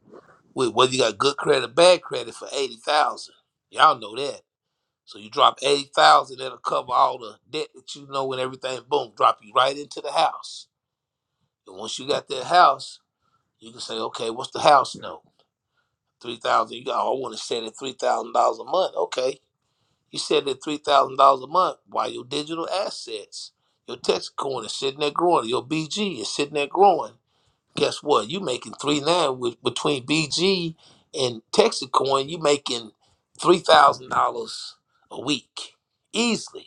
C: with whether you got good credit or bad credit for eighty thousand. Y'all know that. So you drop eighty thousand, that'll cover all the debt that you know and everything. Boom, drop you right into the house. And once you got that house you can say, okay, what's the house note? Three thousand. You got. Oh, I want to set it three thousand dollars a month. Okay, you set it three thousand dollars a month. Why your digital assets, your text coin is sitting there growing. Your BG is sitting there growing. Guess what? You making three nine with between BG and Texacoin. You making three thousand dollars a week easily.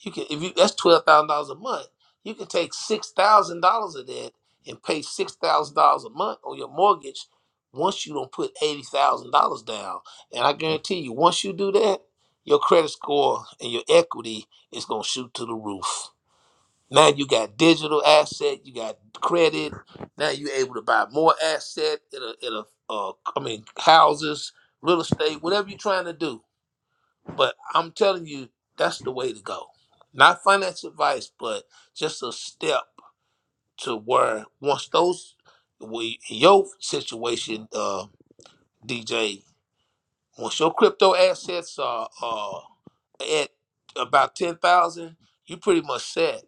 C: You can if you that's twelve thousand dollars a month. You can take six thousand dollars of that and pay six thousand dollars a month on your mortgage once you don't put eighty thousand dollars down. And I guarantee you, once you do that, your credit score and your equity is gonna shoot to the roof. Now you got digital asset, you got credit. Now you're able to buy more asset in a, in a uh, I mean houses, real estate, whatever you're trying to do but I'm telling you, that's the way to go. Not finance advice, but just a step to where once those, we, your situation, uh, DJ, once your crypto assets are uh, at about 10,000, you pretty much set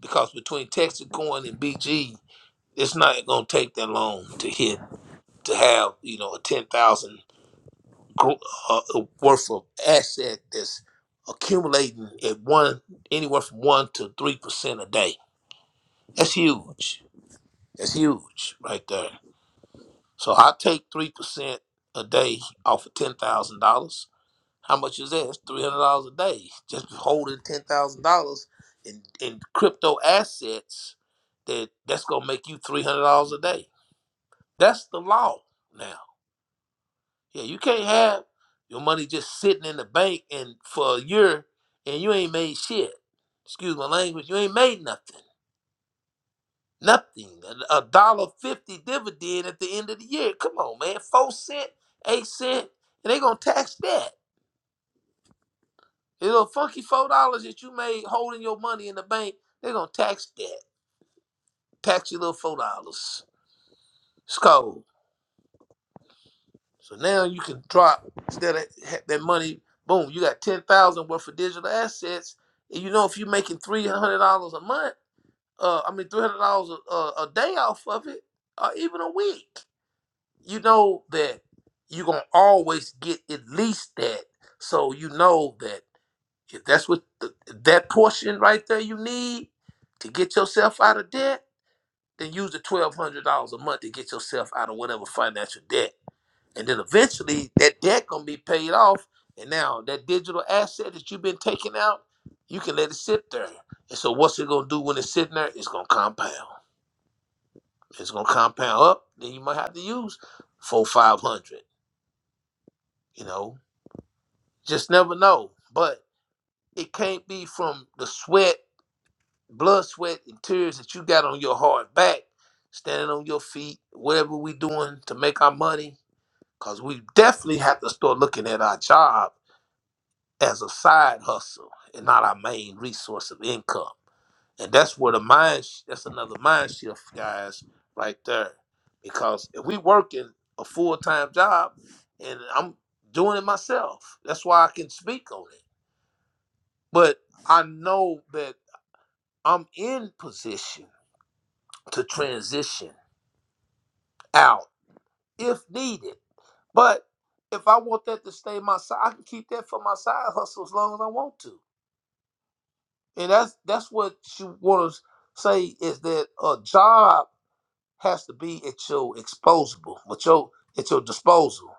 C: because between Texas Coin and BG, it's not going to take that long to hit, to have, you know, a 10000 gr- uh, uh, worth of asset that's accumulating at one anywhere from one to three percent a day. That's huge. That's huge right there. So I take three percent a day off of ten thousand dollars. How much is that? It's three hundred dollars a day. Just holding ten thousand dollars in in crypto assets that that's gonna make you three hundred dollars a day. That's the law now. Yeah, you can't have your money just sitting in the bank and for a year and you ain't made shit. Excuse my language. You ain't made nothing. Nothing. A a dollar fifty dividend at the end of the year. Come on, man. Four cent, eight cent, and they gonna tax that. You know, funky four dollars that you made holding your money in the bank, they gonna tax that. Tax your little four dollars. It's cold. So now you can drop instead of ha- that money, boom, you got ten thousand worth of digital assets. And you know if you're making three hundred dollars a month, uh, I mean three hundred dollars a, a a day off of it, or even a week, you know that you're gonna always get at least that. So you know that if that's what the, that portion right there you need to get yourself out of debt, then use the twelve hundred dollars a month to get yourself out of whatever financial debt and then eventually that debt gonna be paid off. And now that digital asset that you've been taking out, you can let it sit there. And so what's it gonna do when it's sitting there? It's gonna compound. It's gonna compound up. Then you might have to use four, five hundred. You know, just never know. But it can't be from the sweat, blood, sweat, and tears that you got on your hard back, standing on your feet, whatever we doing to make our money. Cause we definitely have to start looking at our job. as a side hustle and not our main resource of income. And that's where the mind sh- that's another mind shift, guys, right there. Because if we working a full time job and I'm doing it myself, that's why I can speak on it. But I know that I'm in position to transition out if needed. But if I want that to stay my side, I can keep that for my side hustle as long as I want to. and that's that's what she want to say is that a job has to be at your exposable, at your at your disposal.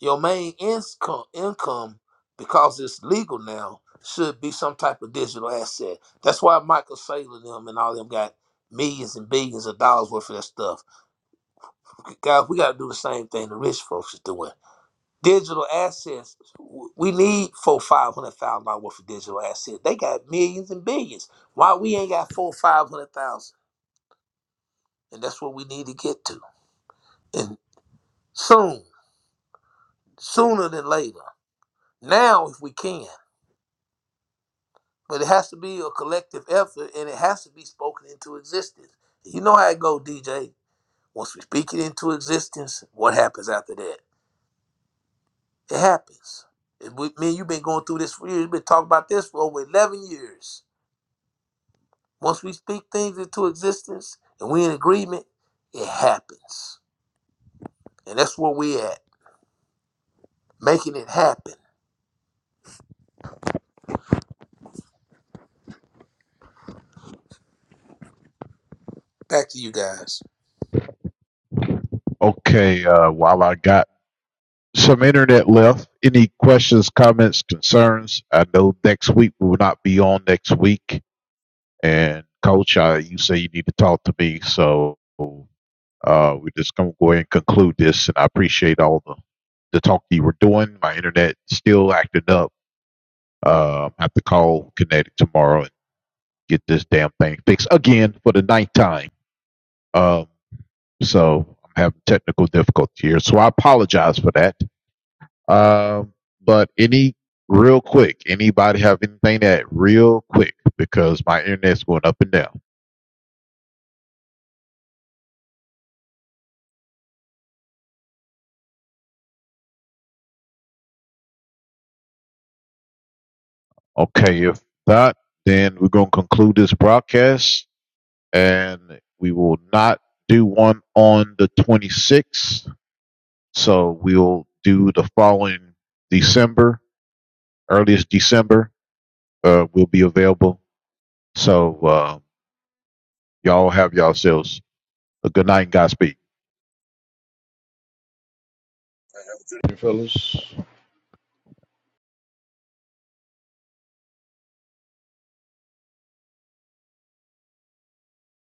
C: Your main income income, because it's legal now, should be some type of digital asset. That's why Michael Saylor and them and all them got millions and billions of dollars worth of that stuff. Guys, we got to do the same thing the rich folks is doing Digital assets. w- We need four, five hundred thousand dollars worth of digital assets. They got millions and billions. Why we ain't got four, five hundred thousand? And that's what we need to get to. And soon, sooner than later. Now, if we can. But it has to be a collective effort, and it has to be spoken into existence. You know how it go, DJ. Once we speak it into existence, what happens after that? It happens. And we, me you've been going through this for years. you have been talking about this for over 11 years. Once we speak things into existence and we in agreement, it happens. And that's where we at, making it happen. Back to you guys.
B: Okay, uh, while I got some internet left. Any questions, comments, concerns? I know next week we will not be on next week. And coach, I, you say you need to talk to me. So uh, we're just going to go ahead and conclude this. And I appreciate all the, the talk you were doing. My internet still acting up. Uh, I have to call Kinetic tomorrow and get this damn thing fixed again for the ninth time. Um, so I'm having technical difficulty here. So I apologize for that. Um, but any real quick, anybody have anything that real quick because my internet's going up and down. Okay, if not, then we're gonna conclude this broadcast and we will not do one on the 26th. So we'll do the following December, earliest December. Uh, will be available. So uh, y'all have yourselves a good night and Godspeed.
A: fellas.